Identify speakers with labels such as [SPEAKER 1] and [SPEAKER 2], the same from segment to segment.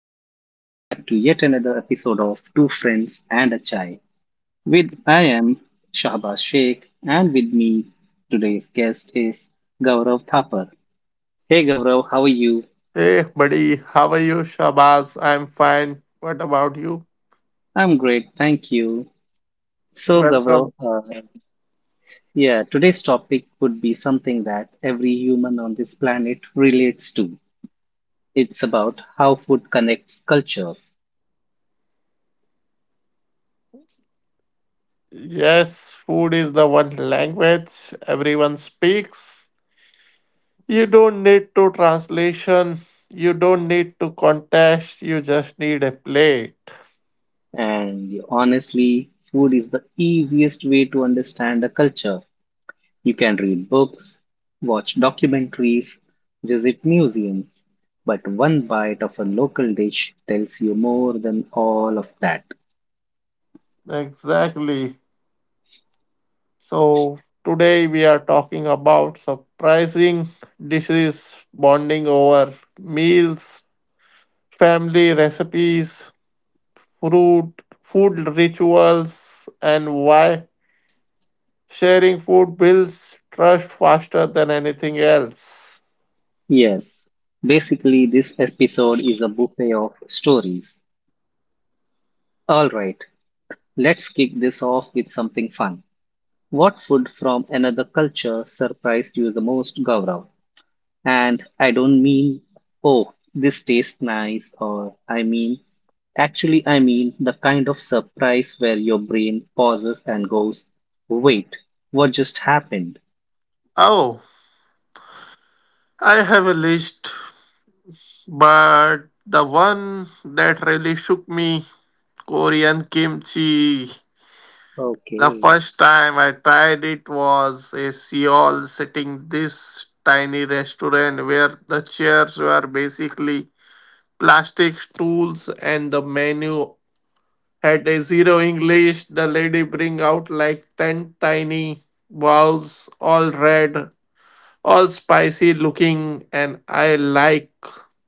[SPEAKER 1] and welcome back to yet another episode of Two Friends and a Chai. With I am Shahbaz Sheikh, and with me today's guest is Gaurav Thapar. Hey, Gaurav, how are you?
[SPEAKER 2] Hey, buddy, how are you? Shabazz, I'm fine. What about you?
[SPEAKER 1] I'm great, thank you. So, Gaurav,
[SPEAKER 2] Welcome.
[SPEAKER 1] yeah, today's topic would be something that every human on this planet relates to. It's about how food connects cultures.
[SPEAKER 2] Yes, food is the one language everyone speaks. You don't need to translation, you don't need to contest, you just need a plate.
[SPEAKER 1] And honestly, food is the easiest way to understand a culture. You can read books, watch documentaries, visit museums, but one bite of a local dish tells you more than all of that.
[SPEAKER 2] Exactly. So, today we are talking about surprising dishes, bonding over meals, family recipes, fruit, food rituals, and why sharing food builds trust faster than anything else.
[SPEAKER 1] Yes, basically, this episode is a buffet of stories. Alright, let's kick this off with something fun. What food from another culture surprised you the most, Gaurav? And I don't mean, oh, this tastes nice, or I mean, actually, I mean the kind of surprise where your brain pauses and goes, wait, what just happened?
[SPEAKER 2] Oh, I have a list, but the one that really shook me Korean kimchi. The
[SPEAKER 1] Okay.
[SPEAKER 2] first time I tried it was a Seoul sitting this tiny restaurant where the chairs were basically plastic stools and the menu at a zero English, the lady bring out like 10 tiny balls, all red, all spicy looking, and I like,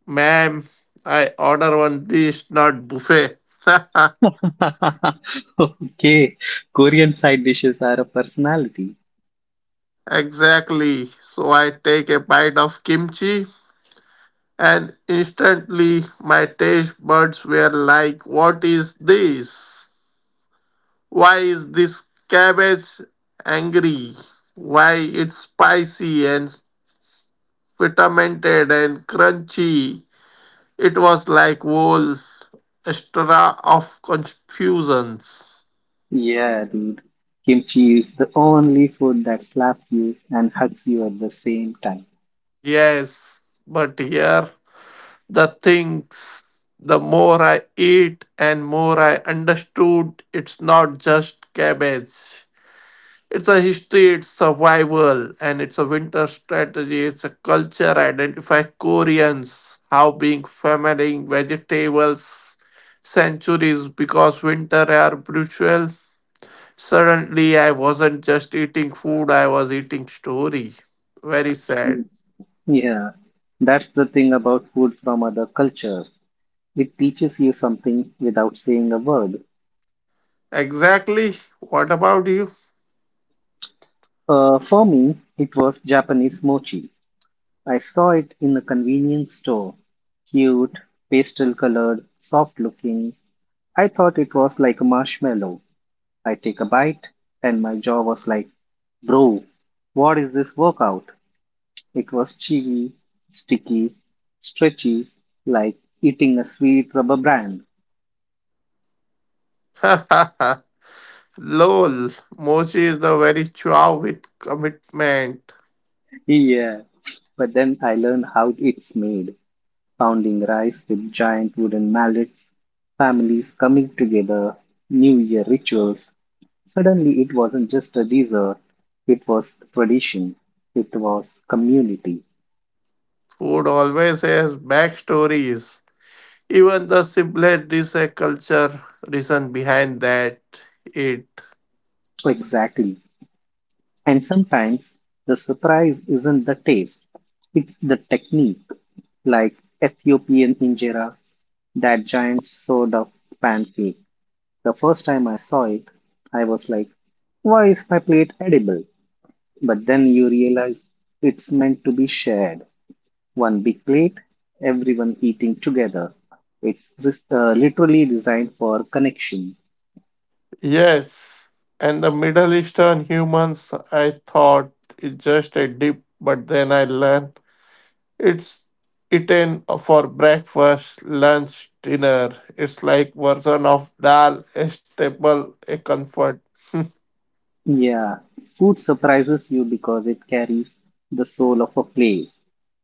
[SPEAKER 2] ma'am, I order one dish, not buffet.
[SPEAKER 1] Okay, Korean side dishes are a personality.
[SPEAKER 2] Exactly. So I take a bite of kimchi, and instantly my taste buds were like, what is this? Why is this cabbage angry? Why it's spicy and fermented and crunchy. It was like whole extra of confusions.
[SPEAKER 1] Yeah, dude. Kimchi is the only food that slaps you and hugs you at the same time.
[SPEAKER 2] Yes, but here the things the more I eat and more I understood it's not just cabbage. It's a history, it's survival, and it's a winter strategy. It's a culture. Identify Koreans how being fermenting vegetables centuries because winter are brutal. Suddenly, I wasn't just eating food, I was eating story. Very sad.
[SPEAKER 1] Mm. Yeah, that's the thing about food from other cultures. It teaches you something without saying a word.
[SPEAKER 2] Exactly. What about you?
[SPEAKER 1] For me, it was Japanese mochi. I saw it in a convenience store. Cute, pastel colored, soft looking. I thought it was like a marshmallow. I take a bite, and my jaw was like, bro, what is this workout? It was chewy, sticky, stretchy, like eating a sweet rubber band.
[SPEAKER 2] Lol. Mochi is the very chow with commitment.
[SPEAKER 1] Yeah, but then I learned how it's made: pounding rice with giant wooden mallets, families coming together, New Year rituals. Suddenly, it wasn't just a dessert, it was tradition, it was community.
[SPEAKER 2] Food always has backstories. Even the simplest dish a culture reason behind that. It.
[SPEAKER 1] Exactly. And sometimes the surprise isn't the taste, it's the technique, like Ethiopian injera, that giant sword of pancake. The first time I saw it, I was like, why is my plate edible? But then you realize it's meant to be shared. One big plate, everyone eating together. It's literally designed for connection.
[SPEAKER 2] Yes. And the Middle Eastern humans, I thought, is just a dip, but then I learned it's eaten for breakfast, lunch, dinner. It's like version of dal, a staple, a comfort.
[SPEAKER 1] Yeah, food surprises you because it carries the soul of a place.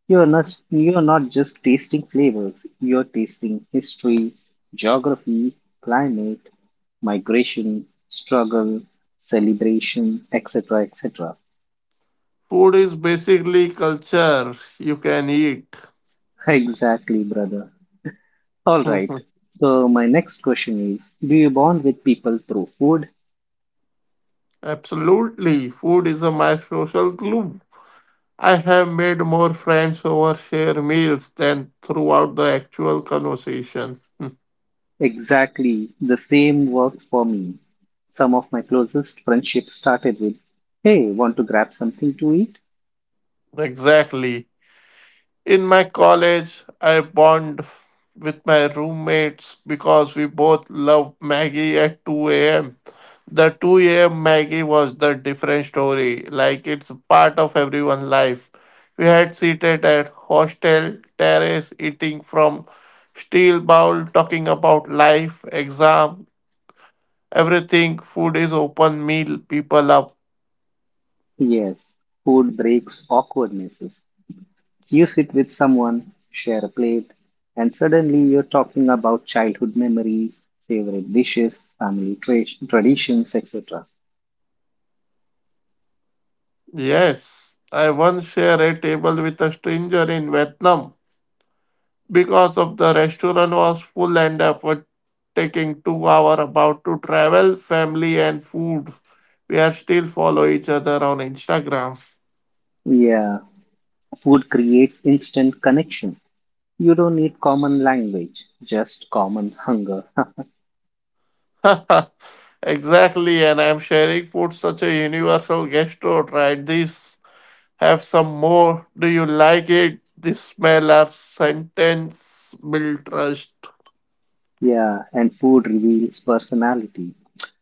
[SPEAKER 1] You're not just tasting flavors, you're tasting history, geography, climate, migration, struggle, celebration, etc., etc.
[SPEAKER 2] Food is basically culture you can eat.
[SPEAKER 1] Exactly, brother. All right.
[SPEAKER 2] Mhm.
[SPEAKER 1] So my next question is, do you bond with people through food?
[SPEAKER 2] Absolutely, food is a, my social glue. I have made more friends over share meals than throughout the actual conversation.
[SPEAKER 1] Exactly. The same works for me. Some of my closest friendships started with, hey, want to grab something to eat?
[SPEAKER 2] Exactly. In my college, I bond with my roommates because we both love Maggie at 2 a.m. The 2 a.m. Maggie was the different story. Like it's a part of everyone's life. We had seated at hostel terrace, eating from steel bowl, talking about life, exam, everything. Food is open meal. People up.
[SPEAKER 1] Yes. Food breaks awkwardnesses. So, you sit with someone, share a plate, and suddenly you're talking about childhood memories, favorite dishes, traditions, etc.
[SPEAKER 2] Yes, I once share a table with a stranger in Vietnam because of the restaurant was full and after taking 2 hour about to travel family and food we are still follow each other on Instagram.
[SPEAKER 1] Yeah, food creates instant connection. You don't need common language, just common hunger.
[SPEAKER 2] Exactly, and I'm sharing food such a universal gastro try this have some more do you like it this smell or sentence build trust.
[SPEAKER 1] Yeah, and food reveals personality.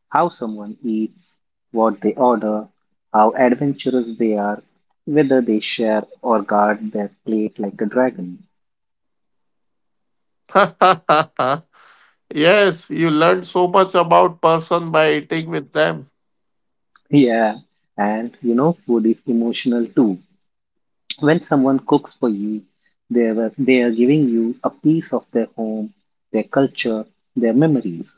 [SPEAKER 1] How someone eats, what they order, how adventurous they are, whether they share or guard their plate like a dragon.
[SPEAKER 2] Yes, you learn so much about person by eating with them.
[SPEAKER 1] Yeah, and you know, food is emotional too. When someone cooks for you, they are giving you a piece of their home, their culture, their memories.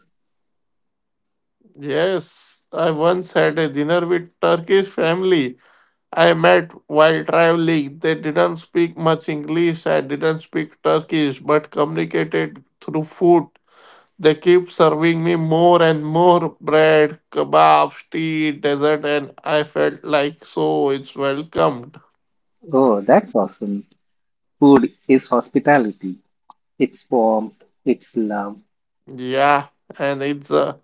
[SPEAKER 2] Yes, I once had a dinner with Turkish family I met while traveling. They didn't speak much English. I didn't speak Turkish, but communicated through food. They kept serving me more and more bread, kebabs, tea, dessert, and I felt like so it's welcomed.
[SPEAKER 1] Oh, that's awesome. Food is hospitality. Its form, its love.
[SPEAKER 2] Yeah, and it's the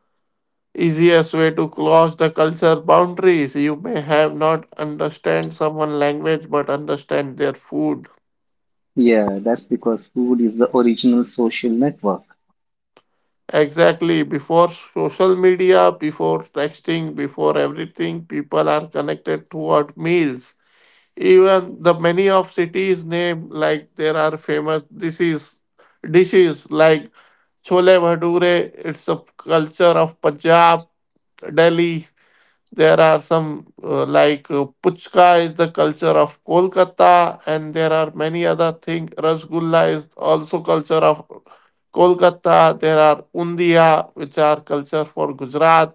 [SPEAKER 2] easiest way to cross the culture boundaries. You may have not understand someone language, but understand their food.
[SPEAKER 1] Yeah, that's because food is the original social network.
[SPEAKER 2] Exactly. Before social media, before texting, before everything, people are connected toward meals. Even the many of cities name like there are famous dishes like chole bhature. It's a culture of Punjab, Delhi. There are some like puchka is the culture of Kolkata, and there are many other things. Rasgulla is also culture of Kolkata. There are undiya, which are culture for Gujarat.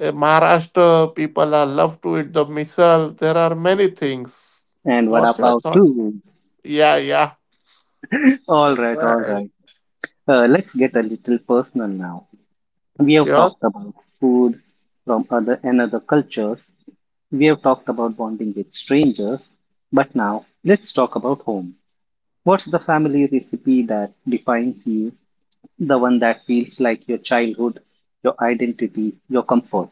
[SPEAKER 2] Maharashtra people are love to eat the misal. There are many things.
[SPEAKER 1] And vada
[SPEAKER 2] What's your
[SPEAKER 1] pav
[SPEAKER 2] thought?
[SPEAKER 1] too.
[SPEAKER 2] Yeah, yeah.
[SPEAKER 1] All right, all
[SPEAKER 2] Right.
[SPEAKER 1] right. Let's get a little personal now. We have
[SPEAKER 2] Sure.
[SPEAKER 1] talked about food from other and other cultures. We have talked about bonding with strangers. But now let's talk about home. What's the family recipe that defines you? The one that feels like your childhood, your identity, your comfort.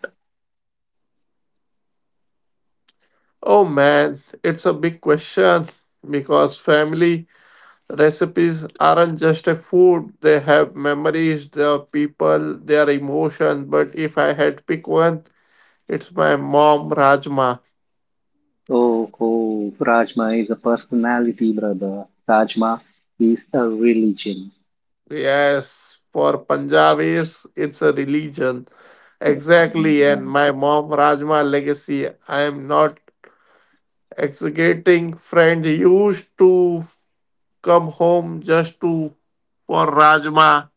[SPEAKER 2] Oh man, it's a big question because family recipes aren't just a food, they have memories, the people, their emotion. But if I had to pick one, it's my mom Rajma.
[SPEAKER 1] Oh, oh, Rajma is a personality, brother. Rajma is a religion.
[SPEAKER 2] Yes, for Punjabis, it's a religion. Exactly,
[SPEAKER 1] Yeah.
[SPEAKER 2] and my mom Rajma legacy. I am not exaggerating. Friends used to come home just to for Rajma.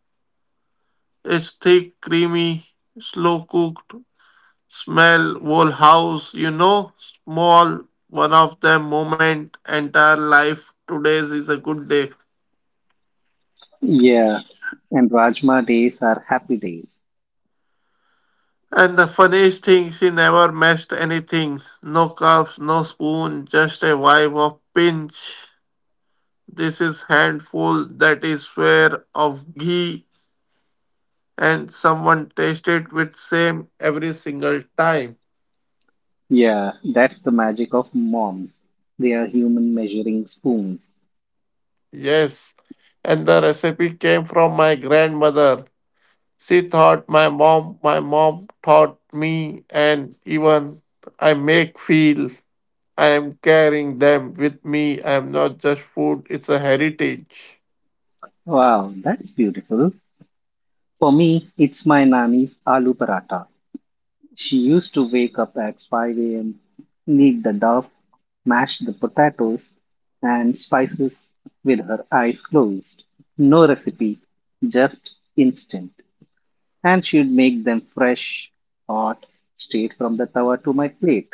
[SPEAKER 2] It's thick, creamy, slow cooked, smell, whole house, you know, small one of them moment, entire life. Today's is a good day.
[SPEAKER 1] Yeah, and Rajma days are happy days.
[SPEAKER 2] And the funniest thing, she never messed anything. No cups, no spoon, just a vibe of pinch. This is handful, that is swear of ghee, and someone tasted with same every single time.
[SPEAKER 1] Yeah, that's the magic of moms. They are human measuring spoons.
[SPEAKER 2] Yes, and the recipe came from my grandmother. She thought my mom taught me, and even I make feel I am carrying them with me. I am not just food, it's a heritage.
[SPEAKER 1] Wow, that's beautiful. For me, it's my nanny's aloo paratha. She used to wake up at 5 a.m., knead the dough, mash the potatoes and spices with her eyes closed. No recipe, just instinct. And she'd make them fresh, hot, straight from the tawa to my plate.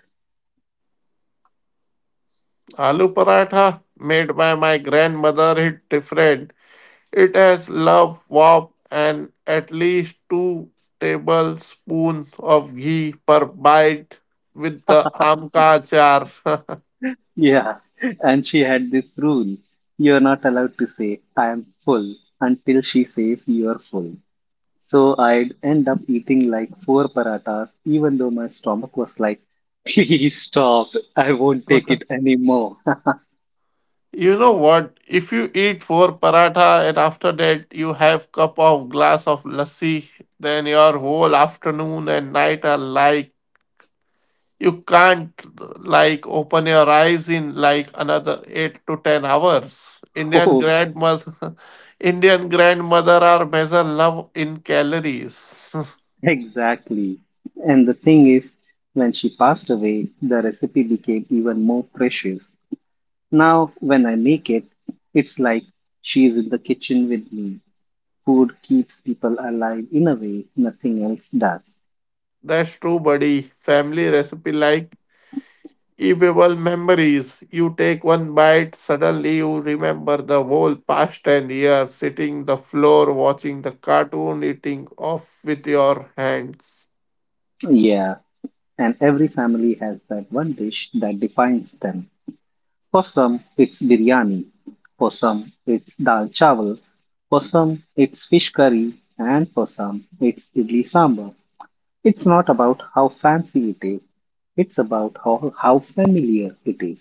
[SPEAKER 2] Aloo paratha, made by my grandmother, hit different. It has love, warmth, and at least 2 tablespoons of ghee per bite with the amka achar.
[SPEAKER 1] Yeah, and she had this rule: you're not allowed to say, I am full, until she says you're full. So I'd end up eating like four parathas, even though my stomach was like, please stop, I won't take it anymore.
[SPEAKER 2] You know what? If you eat four paratha and after that you have cup of glass of lassi, then your whole afternoon and night are like you can't like open your eyes in like another 8 to 10 hours. Indian
[SPEAKER 1] Oh,
[SPEAKER 2] grandmas, Indian grandmother are measure love in calories.
[SPEAKER 1] exactly. And the thing is, when she passed away, the recipe became even more precious. Now, when I make it, it's like she is in the kitchen with me. Food keeps people alive in a way nothing else does.
[SPEAKER 2] That's true, buddy. Family recipe like evil memories. You take one bite, suddenly you remember the whole past 10 years, sitting the floor, watching the cartoon, eating off with your hands.
[SPEAKER 1] Yeah, and every family has that one dish that defines them. For some it's biryani, for some it's dal chawal, for some it's fish curry, and for some it's idli sambar. It's not about how fancy it is, it's about how familiar it is.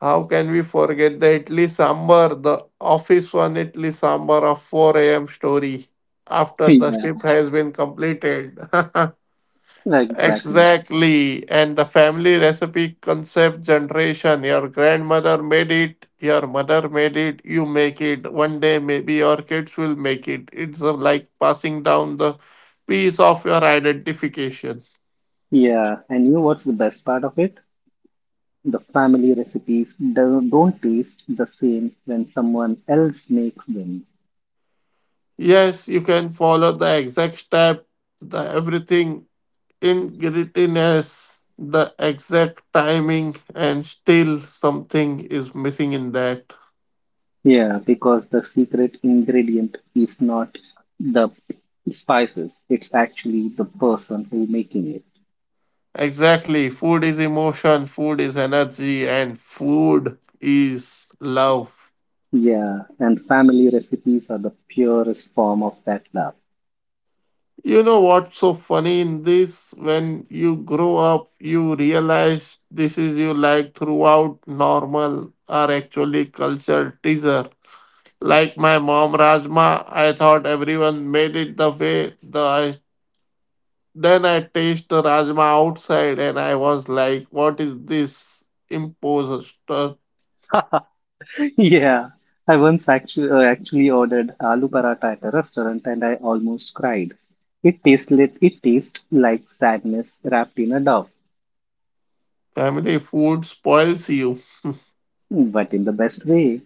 [SPEAKER 2] How can we forget the Idli Sambar, the office one Idli Sambar of 4 a.m. story after the shift has been completed?
[SPEAKER 1] Yeah. Exactly.
[SPEAKER 2] Exactly. And the family recipe concept generation. Your grandmother made it, your mother made it, you make it. One day, maybe your kids will make it. It's like passing down the piece of your identification.
[SPEAKER 1] Yeah, and you know what's the best part of it? The family recipes do don't taste the same when someone else makes them.
[SPEAKER 2] Yes, you can follow the exact step, the everything in grittiness, the exact timing, and still something is missing in that.
[SPEAKER 1] Yeah, because the secret ingredient is not the spices, it's actually the person who making it.
[SPEAKER 2] Exactly. Food is emotion, food is energy, and food is love.
[SPEAKER 1] Yeah, and family recipes are the purest form of that love.
[SPEAKER 2] You know what's so funny in this? When you grow up, you realize this is you like throughout normal are actually cultural teaser. Like my mom rajma, I thought everyone made it the way the I then I taste the rajma outside and I was like, what is this imposter?
[SPEAKER 1] Yeah, I once actually ordered aloo paratha at a restaurant and I almost cried. It tastes like sadness wrapped in a dove,
[SPEAKER 2] Family food spoils you.
[SPEAKER 1] but in the best way.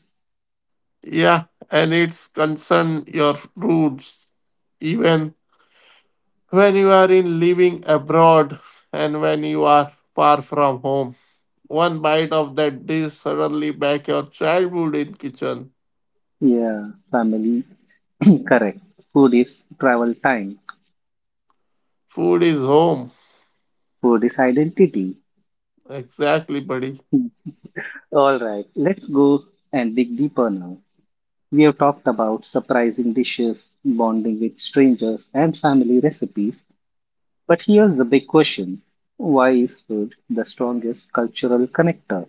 [SPEAKER 2] Yeah, and it's concern your roots even when you are in living abroad and when you are far from home. One bite of that dish suddenly back your childhood in kitchen.
[SPEAKER 1] Yeah, family, correct. Food is travel time.
[SPEAKER 2] Food is home.
[SPEAKER 1] Food is identity.
[SPEAKER 2] Exactly, buddy.
[SPEAKER 1] All right, let's go and dig deeper now. We have talked about surprising dishes, bonding with strangers, and family recipes. But here's the big question: why is food the strongest cultural connector?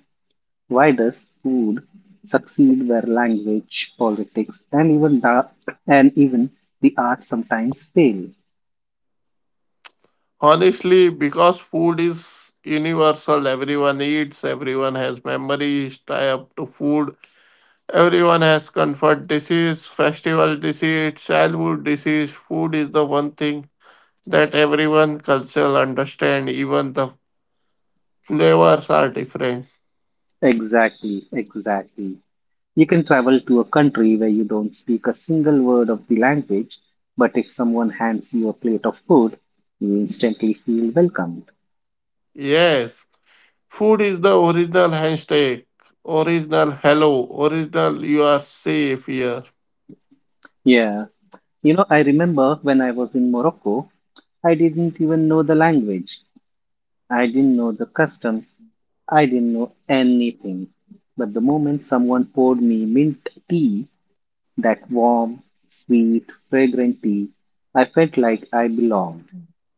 [SPEAKER 1] Why does food succeed where language, politics, and even the art sometimes fail?
[SPEAKER 2] Honestly, because food is universal, everyone eats, everyone has memories tie up to food. Everyone has comfort disease, festival disease, childhood disease. Food is the one thing that everyone cultural understand even the flavors are different.
[SPEAKER 1] Exactly, exactly. You can travel to a country where you don't speak a single word of the language, but if someone hands you a plate of food, you instantly feel welcomed.
[SPEAKER 2] Yes, food is the original handshake, original hello, original you are safe here.
[SPEAKER 1] Yeah, you know, I remember when I was in Morocco, I didn't even know the language, I didn't know the customs, I didn't know anything. But the moment someone poured me mint tea, that warm, sweet, fragrant tea, I felt like I belonged.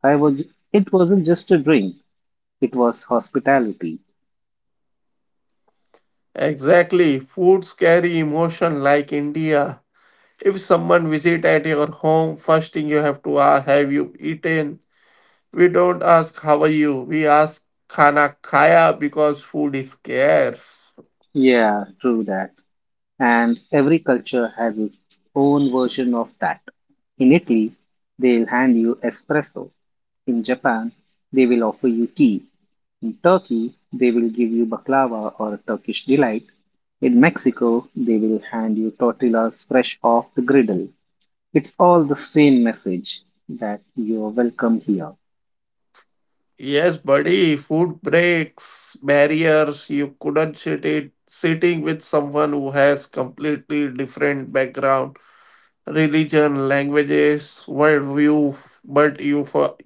[SPEAKER 1] I was It wasn't just a drink, it was hospitality.
[SPEAKER 2] Exactly, foods carry emotion. Like India, if someone visit at your home first thing you have to ask have you eaten. We don't ask how are you, we ask khana khaya, because food is scarce.
[SPEAKER 1] Yeah, true that. And every culture has its own version of that. In Italy, they'll hand you espresso. In Japan, they will offer you tea. In Turkey, they will give you baklava or Turkish delight. In Mexico, they will hand you tortillas fresh off the griddle. It's all the same message, that you are welcome here.
[SPEAKER 2] Yes, buddy, food breaks, barriers, you couldn't sit it sitting with someone who has completely different background, religion, languages, worldview, but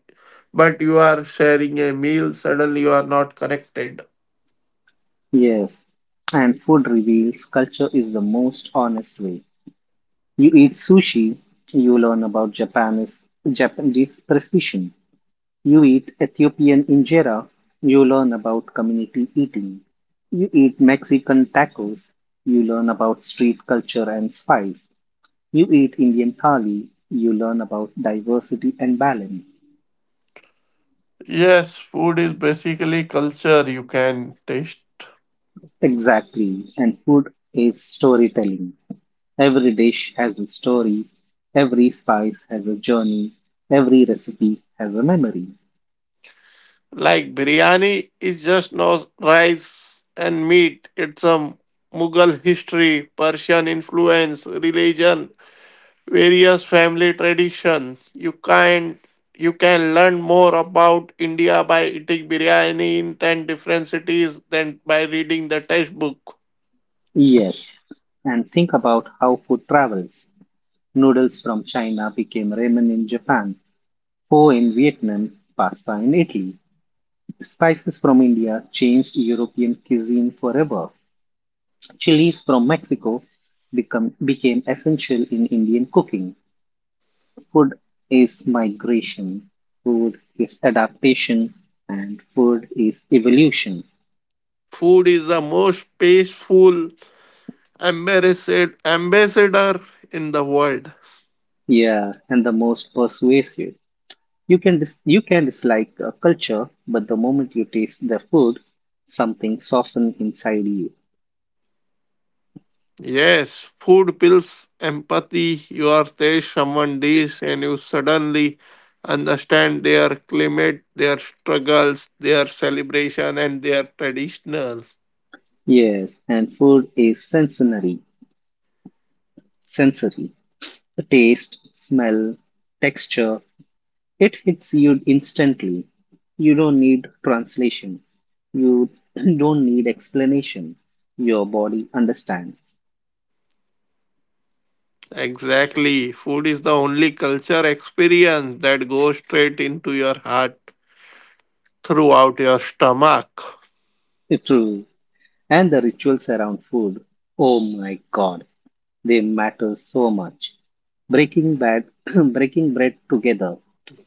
[SPEAKER 2] but you are sharing a meal, suddenly you are not connected.
[SPEAKER 1] Yes, and food reveals culture is the most honest way. You eat sushi, you learn about Japanese precision. You eat Ethiopian injera, you learn about community eating. You eat Mexican tacos, you learn about street culture and spice. You eat Indian thali, you learn about diversity and balance.
[SPEAKER 2] Yes, food is basically culture you can taste.
[SPEAKER 1] Exactly, and food is storytelling. Every dish has a story, every spice has a journey, every recipe has a memory.
[SPEAKER 2] Like biryani is just no rice and meat. It's a Mughal history, Persian influence, religion, various family traditions. You can learn more about India by eating biryani in 10 different cities than by reading the textbook.
[SPEAKER 1] Yes, and think about how food travels. Noodles from China became ramen in Japan, pho in Vietnam, pasta in Italy. Spices from India changed European cuisine forever. Chilies from Mexico became essential in Indian cooking. Food is migration, food is adaptation, and food is evolution.
[SPEAKER 2] Food is the most peaceful ambassador in the world.
[SPEAKER 1] Yeah, and the most persuasive. You can dislike a culture, but the moment you taste their food, something softens inside you.
[SPEAKER 2] Yes, food builds empathy. You are taste someone dish and you suddenly understand their climate, their struggles, their celebration, and their traditional.
[SPEAKER 1] Yes, and food is sensory. The taste, smell, texture, it hits you instantly. You don't need translation. You don't need explanation. Your body understands.
[SPEAKER 2] Exactly. Food is the only culture experience that goes straight into your heart throughout your stomach.
[SPEAKER 1] True. And the rituals around food, oh my god, they matter so much. Breaking bread, breaking bread together,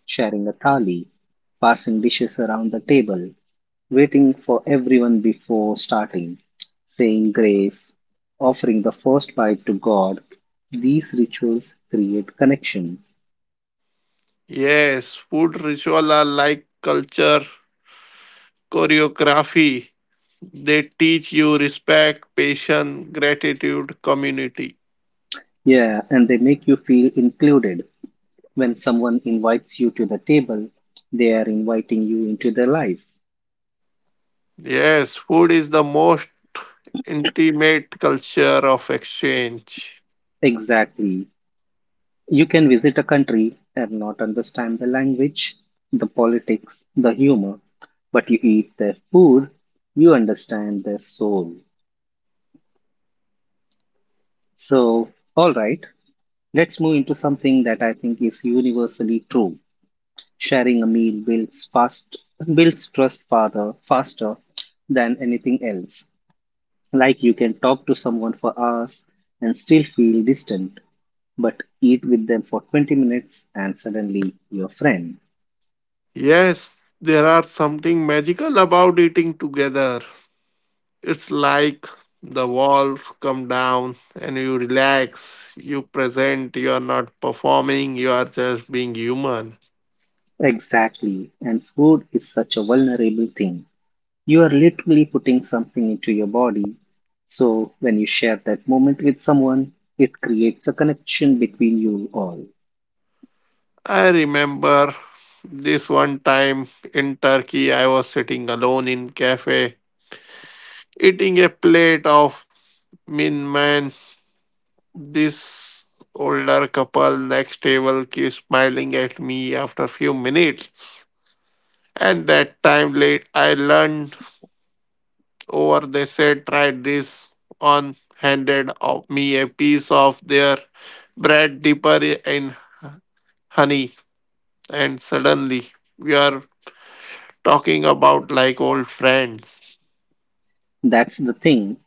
[SPEAKER 1] sharing a thali, passing dishes around the table, waiting for everyone before starting, saying grace, offering the first bite to God. These rituals create connection.
[SPEAKER 2] Yes, food ritual are like culture choreography. They teach you respect, patience, gratitude, community.
[SPEAKER 1] Yeah, and they make you feel included. When someone invites you to the table, they are inviting you into their life.
[SPEAKER 2] Yes, food is the most intimate culture of exchange.
[SPEAKER 1] Exactly. You can visit a country and not understand the language, the politics, the humor, but you eat their food, you understand their soul. So, all right, let's move into something that I think is universally true. Sharing a meal builds trust farther faster than anything else. Like you can talk to someone for hours and still feel distant, but eat with them for 20 minutes and suddenly your friend.
[SPEAKER 2] Yes, there are something magical about eating together. It's like the walls come down and you relax, you present, you are not performing, you are just being human.
[SPEAKER 1] Exactly, and food is such a vulnerable thing. You are literally putting something into your body. So when you share that moment with someone, it creates a connection between you all.
[SPEAKER 2] I remember this one time in Turkey I was sitting alone in cafe eating a plate of min man this older couple next table keeps smiling at me after few minutes and that time late I learned or they said tried this on handed of me a piece of their bread deeper in honey and suddenly we are talking about like old friends.
[SPEAKER 1] That's the thing.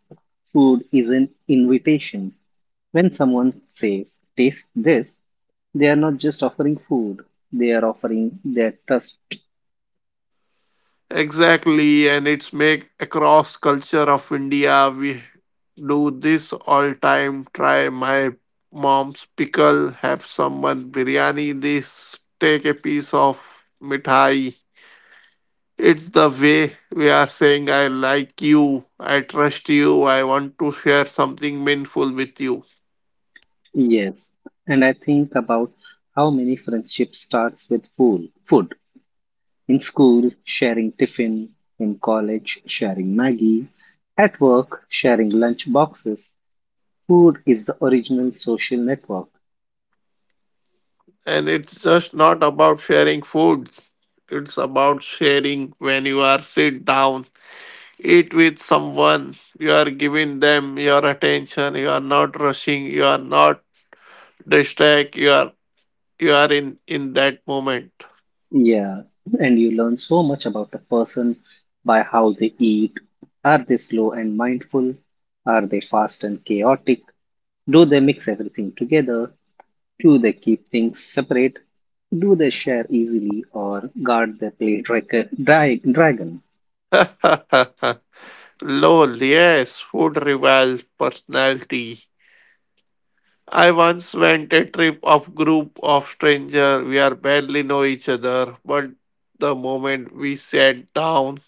[SPEAKER 1] Food is an invitation. When someone says, taste this, they are not just offering food, they are offering their trust.
[SPEAKER 2] Exactly, and it's make across culture of India we do this all time try my mom's pickle have someone biryani this take a piece of mithai. It's the way we are saying, I like you, I trust you, I want to share something meaningful with you.
[SPEAKER 1] Yes, and I think about how many friendships starts with food. Food in school, sharing tiffin; in college, sharing Maggie; at work, sharing lunch boxes. Food is the original social network.
[SPEAKER 2] And it's just not about sharing food, it's about sharing when you are sit down, eat with someone, you are giving them your attention, you are not rushing, you are not distract. You are you are in that moment.
[SPEAKER 1] Yeah, and you learn so much about a person by how they eat. Are they slow and mindful? Are they fast and chaotic? Do they mix everything together? Do they keep things separate? Do they share easily or guard their plate like dragon?
[SPEAKER 2] Lol, yes, food reveals personality. I once went a trip of group of stranger. We are barely know each other, but the moment we sat down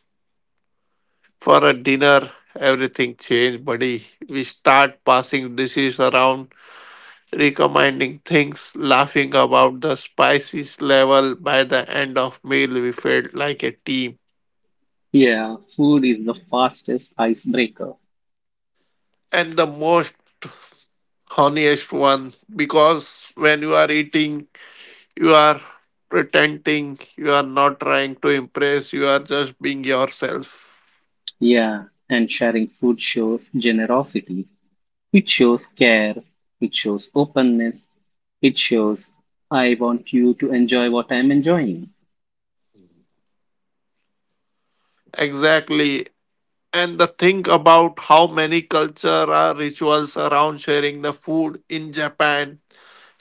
[SPEAKER 2] for a dinner, everything changed, buddy. We start passing dishes around, recommending things, laughing about the spices level. By the end of meal, we felt like a team.
[SPEAKER 1] Yeah, food is the fastest icebreaker.
[SPEAKER 2] And the most honest one, because when you are eating you are pretending, you are not trying to impress, you are just being yourself.
[SPEAKER 1] Yeah, and sharing food shows generosity. It shows care. It shows openness. It shows I want you to enjoy what I'm enjoying.
[SPEAKER 2] Exactly. And the thing about how many culture are rituals around sharing the food in Japan,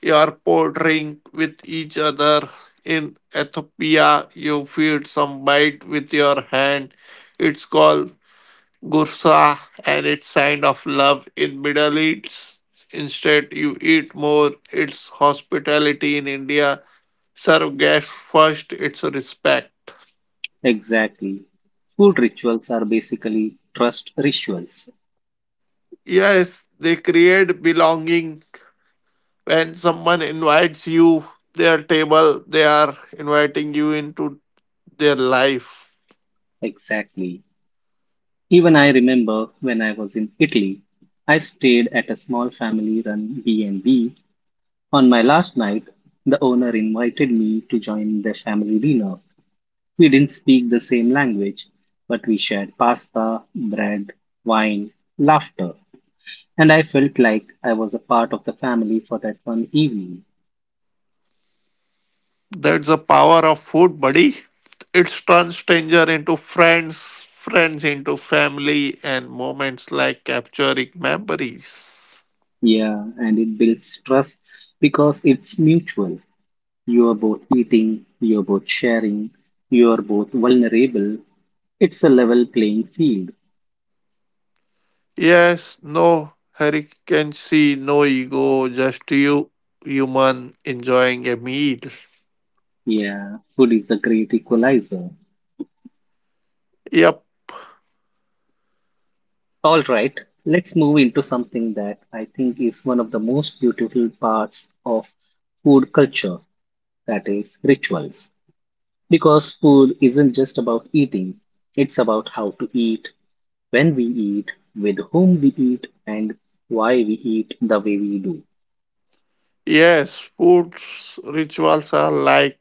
[SPEAKER 2] you are pouring with each other. In Ethiopia, you feed some bite with your hand. It's called gursa and it's sign of love. In Middle East, instead you eat more. It's hospitality in India serve guests first, it's a respect.
[SPEAKER 1] Exactly. Food rituals are basically trust rituals.
[SPEAKER 2] Yes, they create belonging. When someone invites you their table, they are inviting you into their life.
[SPEAKER 1] Exactly. Even I remember when I was in Italy, I stayed at a small family-run B&B. On my last night, the owner invited me to join their family dinner. We didn't speak the same language, but we shared pasta, bread, wine, laughter, and I felt like I was a part of the family for that one evening.
[SPEAKER 2] That's the power of food, buddy. It turns stranger into friends, friends into family, and moments like capturing memories.
[SPEAKER 1] Yeah, and it builds trust because it's mutual. You're both eating, you're both sharing, you're both vulnerable. It's a level playing field.
[SPEAKER 2] Yes, no hurricane, no ego, just you, human, enjoying a meal.
[SPEAKER 1] Yeah, food is the great equalizer.
[SPEAKER 2] Yep.
[SPEAKER 1] All right, let's move into something that I think is one of the most beautiful parts of food culture, that is, rituals. Because food isn't just about eating, it's about how to eat, when we eat, with whom we eat, and why we eat the way we do.
[SPEAKER 2] Yes, sports rituals are like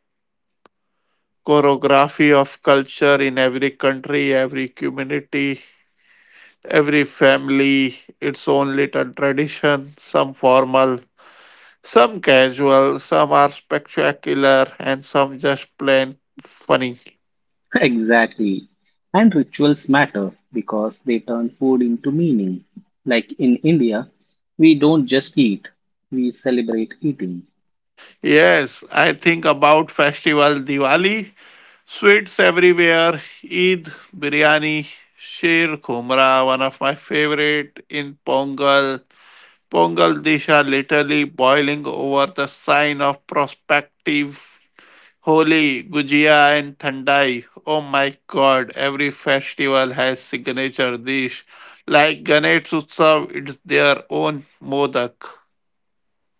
[SPEAKER 2] choreography of culture in every country, every community, every family, its own little tradition, some formal, some casual, some are spectacular, and some just plain funny.
[SPEAKER 1] Exactly. And rituals matter because they turn food into meaning. Like in India, we don't just eat, we celebrate eating.
[SPEAKER 2] Yes, I think about festival Diwali, sweets everywhere, Eid, biryani, Sheer Khumra, one of my favorite in Pongal Disha literally boiling over the sign of prospective Holi, Gujia and Thandai. Oh my god, every festival has signature dish. Like Ganesh Utsav, it's their own modak.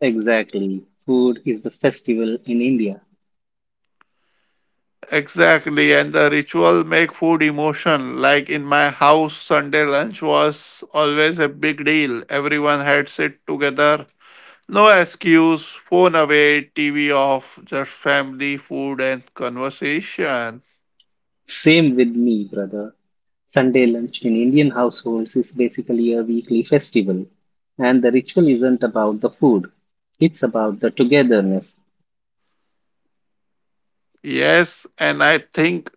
[SPEAKER 1] Exactly. Food is the festival in India.
[SPEAKER 2] Exactly, and the ritual make food emotion. Like in my house, Sunday lunch was always a big deal. Everyone had sit together. No excuse, phone away, TV off, just family, food, and conversation.
[SPEAKER 1] Same with me, brother. Sunday lunch in Indian households is basically a weekly festival. And the ritual isn't about the food, it's about the togetherness.
[SPEAKER 2] Yes, and I think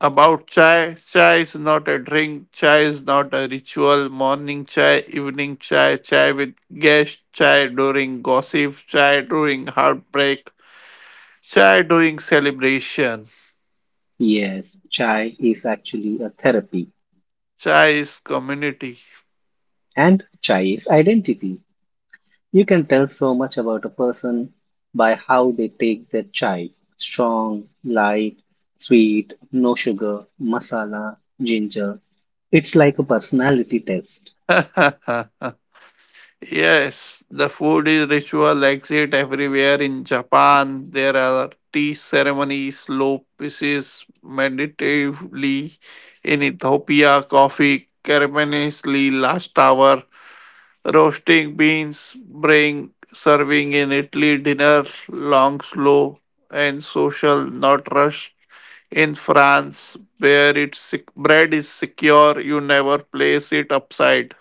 [SPEAKER 2] about chai. Chai is not a drink, chai is not a ritual. Morning chai, evening chai, chai with guests, chai during gossip, chai during heartbreak, chai during celebration.
[SPEAKER 1] Yes, chai is actually a therapy,
[SPEAKER 2] Chai is community.
[SPEAKER 1] and chai is identity. You can tell so much about a person by how they take their chai. Strong, light, sweet, no sugar, masala, ginger. It's like a personality test.
[SPEAKER 2] Yes, the food is ritual exit everywhere in Japan. There are tea ceremonies, slow pieces meditatively. In Ethiopia, coffee ceremoniously last hour. Roasting beans bring serving in Italy dinner long, slow and social, not rushed. In France, where it's bread is secure, you never place it upside.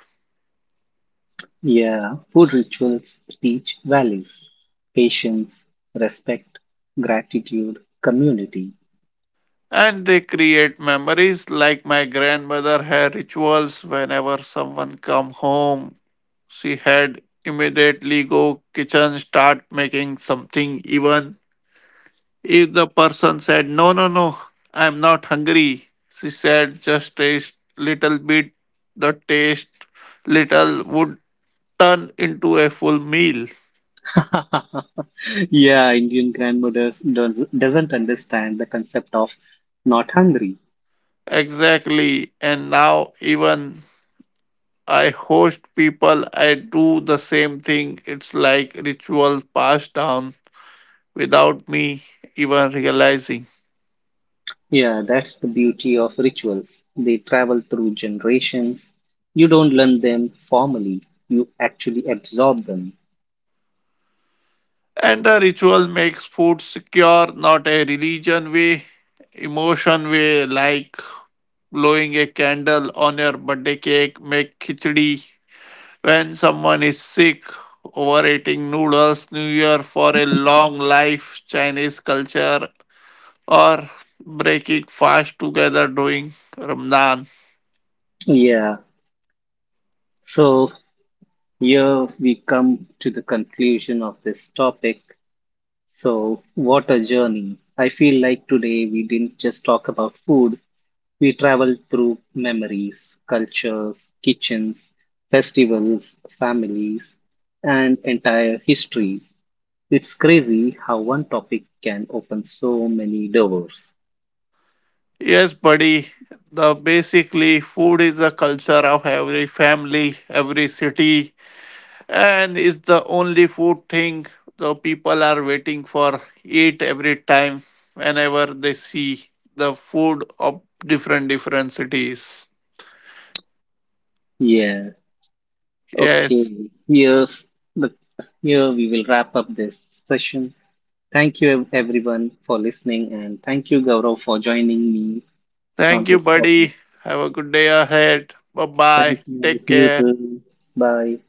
[SPEAKER 1] Yeah, food rituals teach values, patience, respect, gratitude, community.
[SPEAKER 2] And they create memories like my grandmother had rituals whenever someone come home she had immediately go kitchen start making something even if the person said no no no I'm not hungry she said just taste little bit the taste little would turn into a full meal.
[SPEAKER 1] Yeah, Indian grandmothers don't, doesn't understand the concept of not hungry.
[SPEAKER 2] Exactly and now even I host people, I do the same thing. It's like ritual passed down without me even realizing.
[SPEAKER 1] Yeah, that's the beauty of rituals. They travel through generations. You don't learn them formally, you actually absorb them.
[SPEAKER 2] And the ritual makes food secure, not a religion way, emotion way, like blowing a candle on your birthday cake, make khichdi. When someone is sick, overeating noodles, New Year for a long life, Chinese culture, or breaking fast together during Ramadan.
[SPEAKER 1] Yeah, so here we come to the conclusion of this topic. So, what a journey! I feel like today we didn't just talk about food, we traveled through memories, cultures, kitchens, festivals, families, and entire histories. It's crazy how one topic can open so many doors.
[SPEAKER 2] Yes, buddy. The basically food is the culture of every family, every city, and is the only food thing the people are waiting for it every time whenever they see the food of different different cities.
[SPEAKER 1] Yeah. Okay.
[SPEAKER 2] Yes.
[SPEAKER 1] Here's the Here we will wrap up this session. Thank you everyone for listening and thank you Gaurav for joining me on
[SPEAKER 2] Thank you,
[SPEAKER 1] this topic.
[SPEAKER 2] buddy. Have a good day ahead. Bye
[SPEAKER 1] Thank
[SPEAKER 2] bye.
[SPEAKER 1] you.
[SPEAKER 2] Take
[SPEAKER 1] You
[SPEAKER 2] care.
[SPEAKER 1] too. Bye.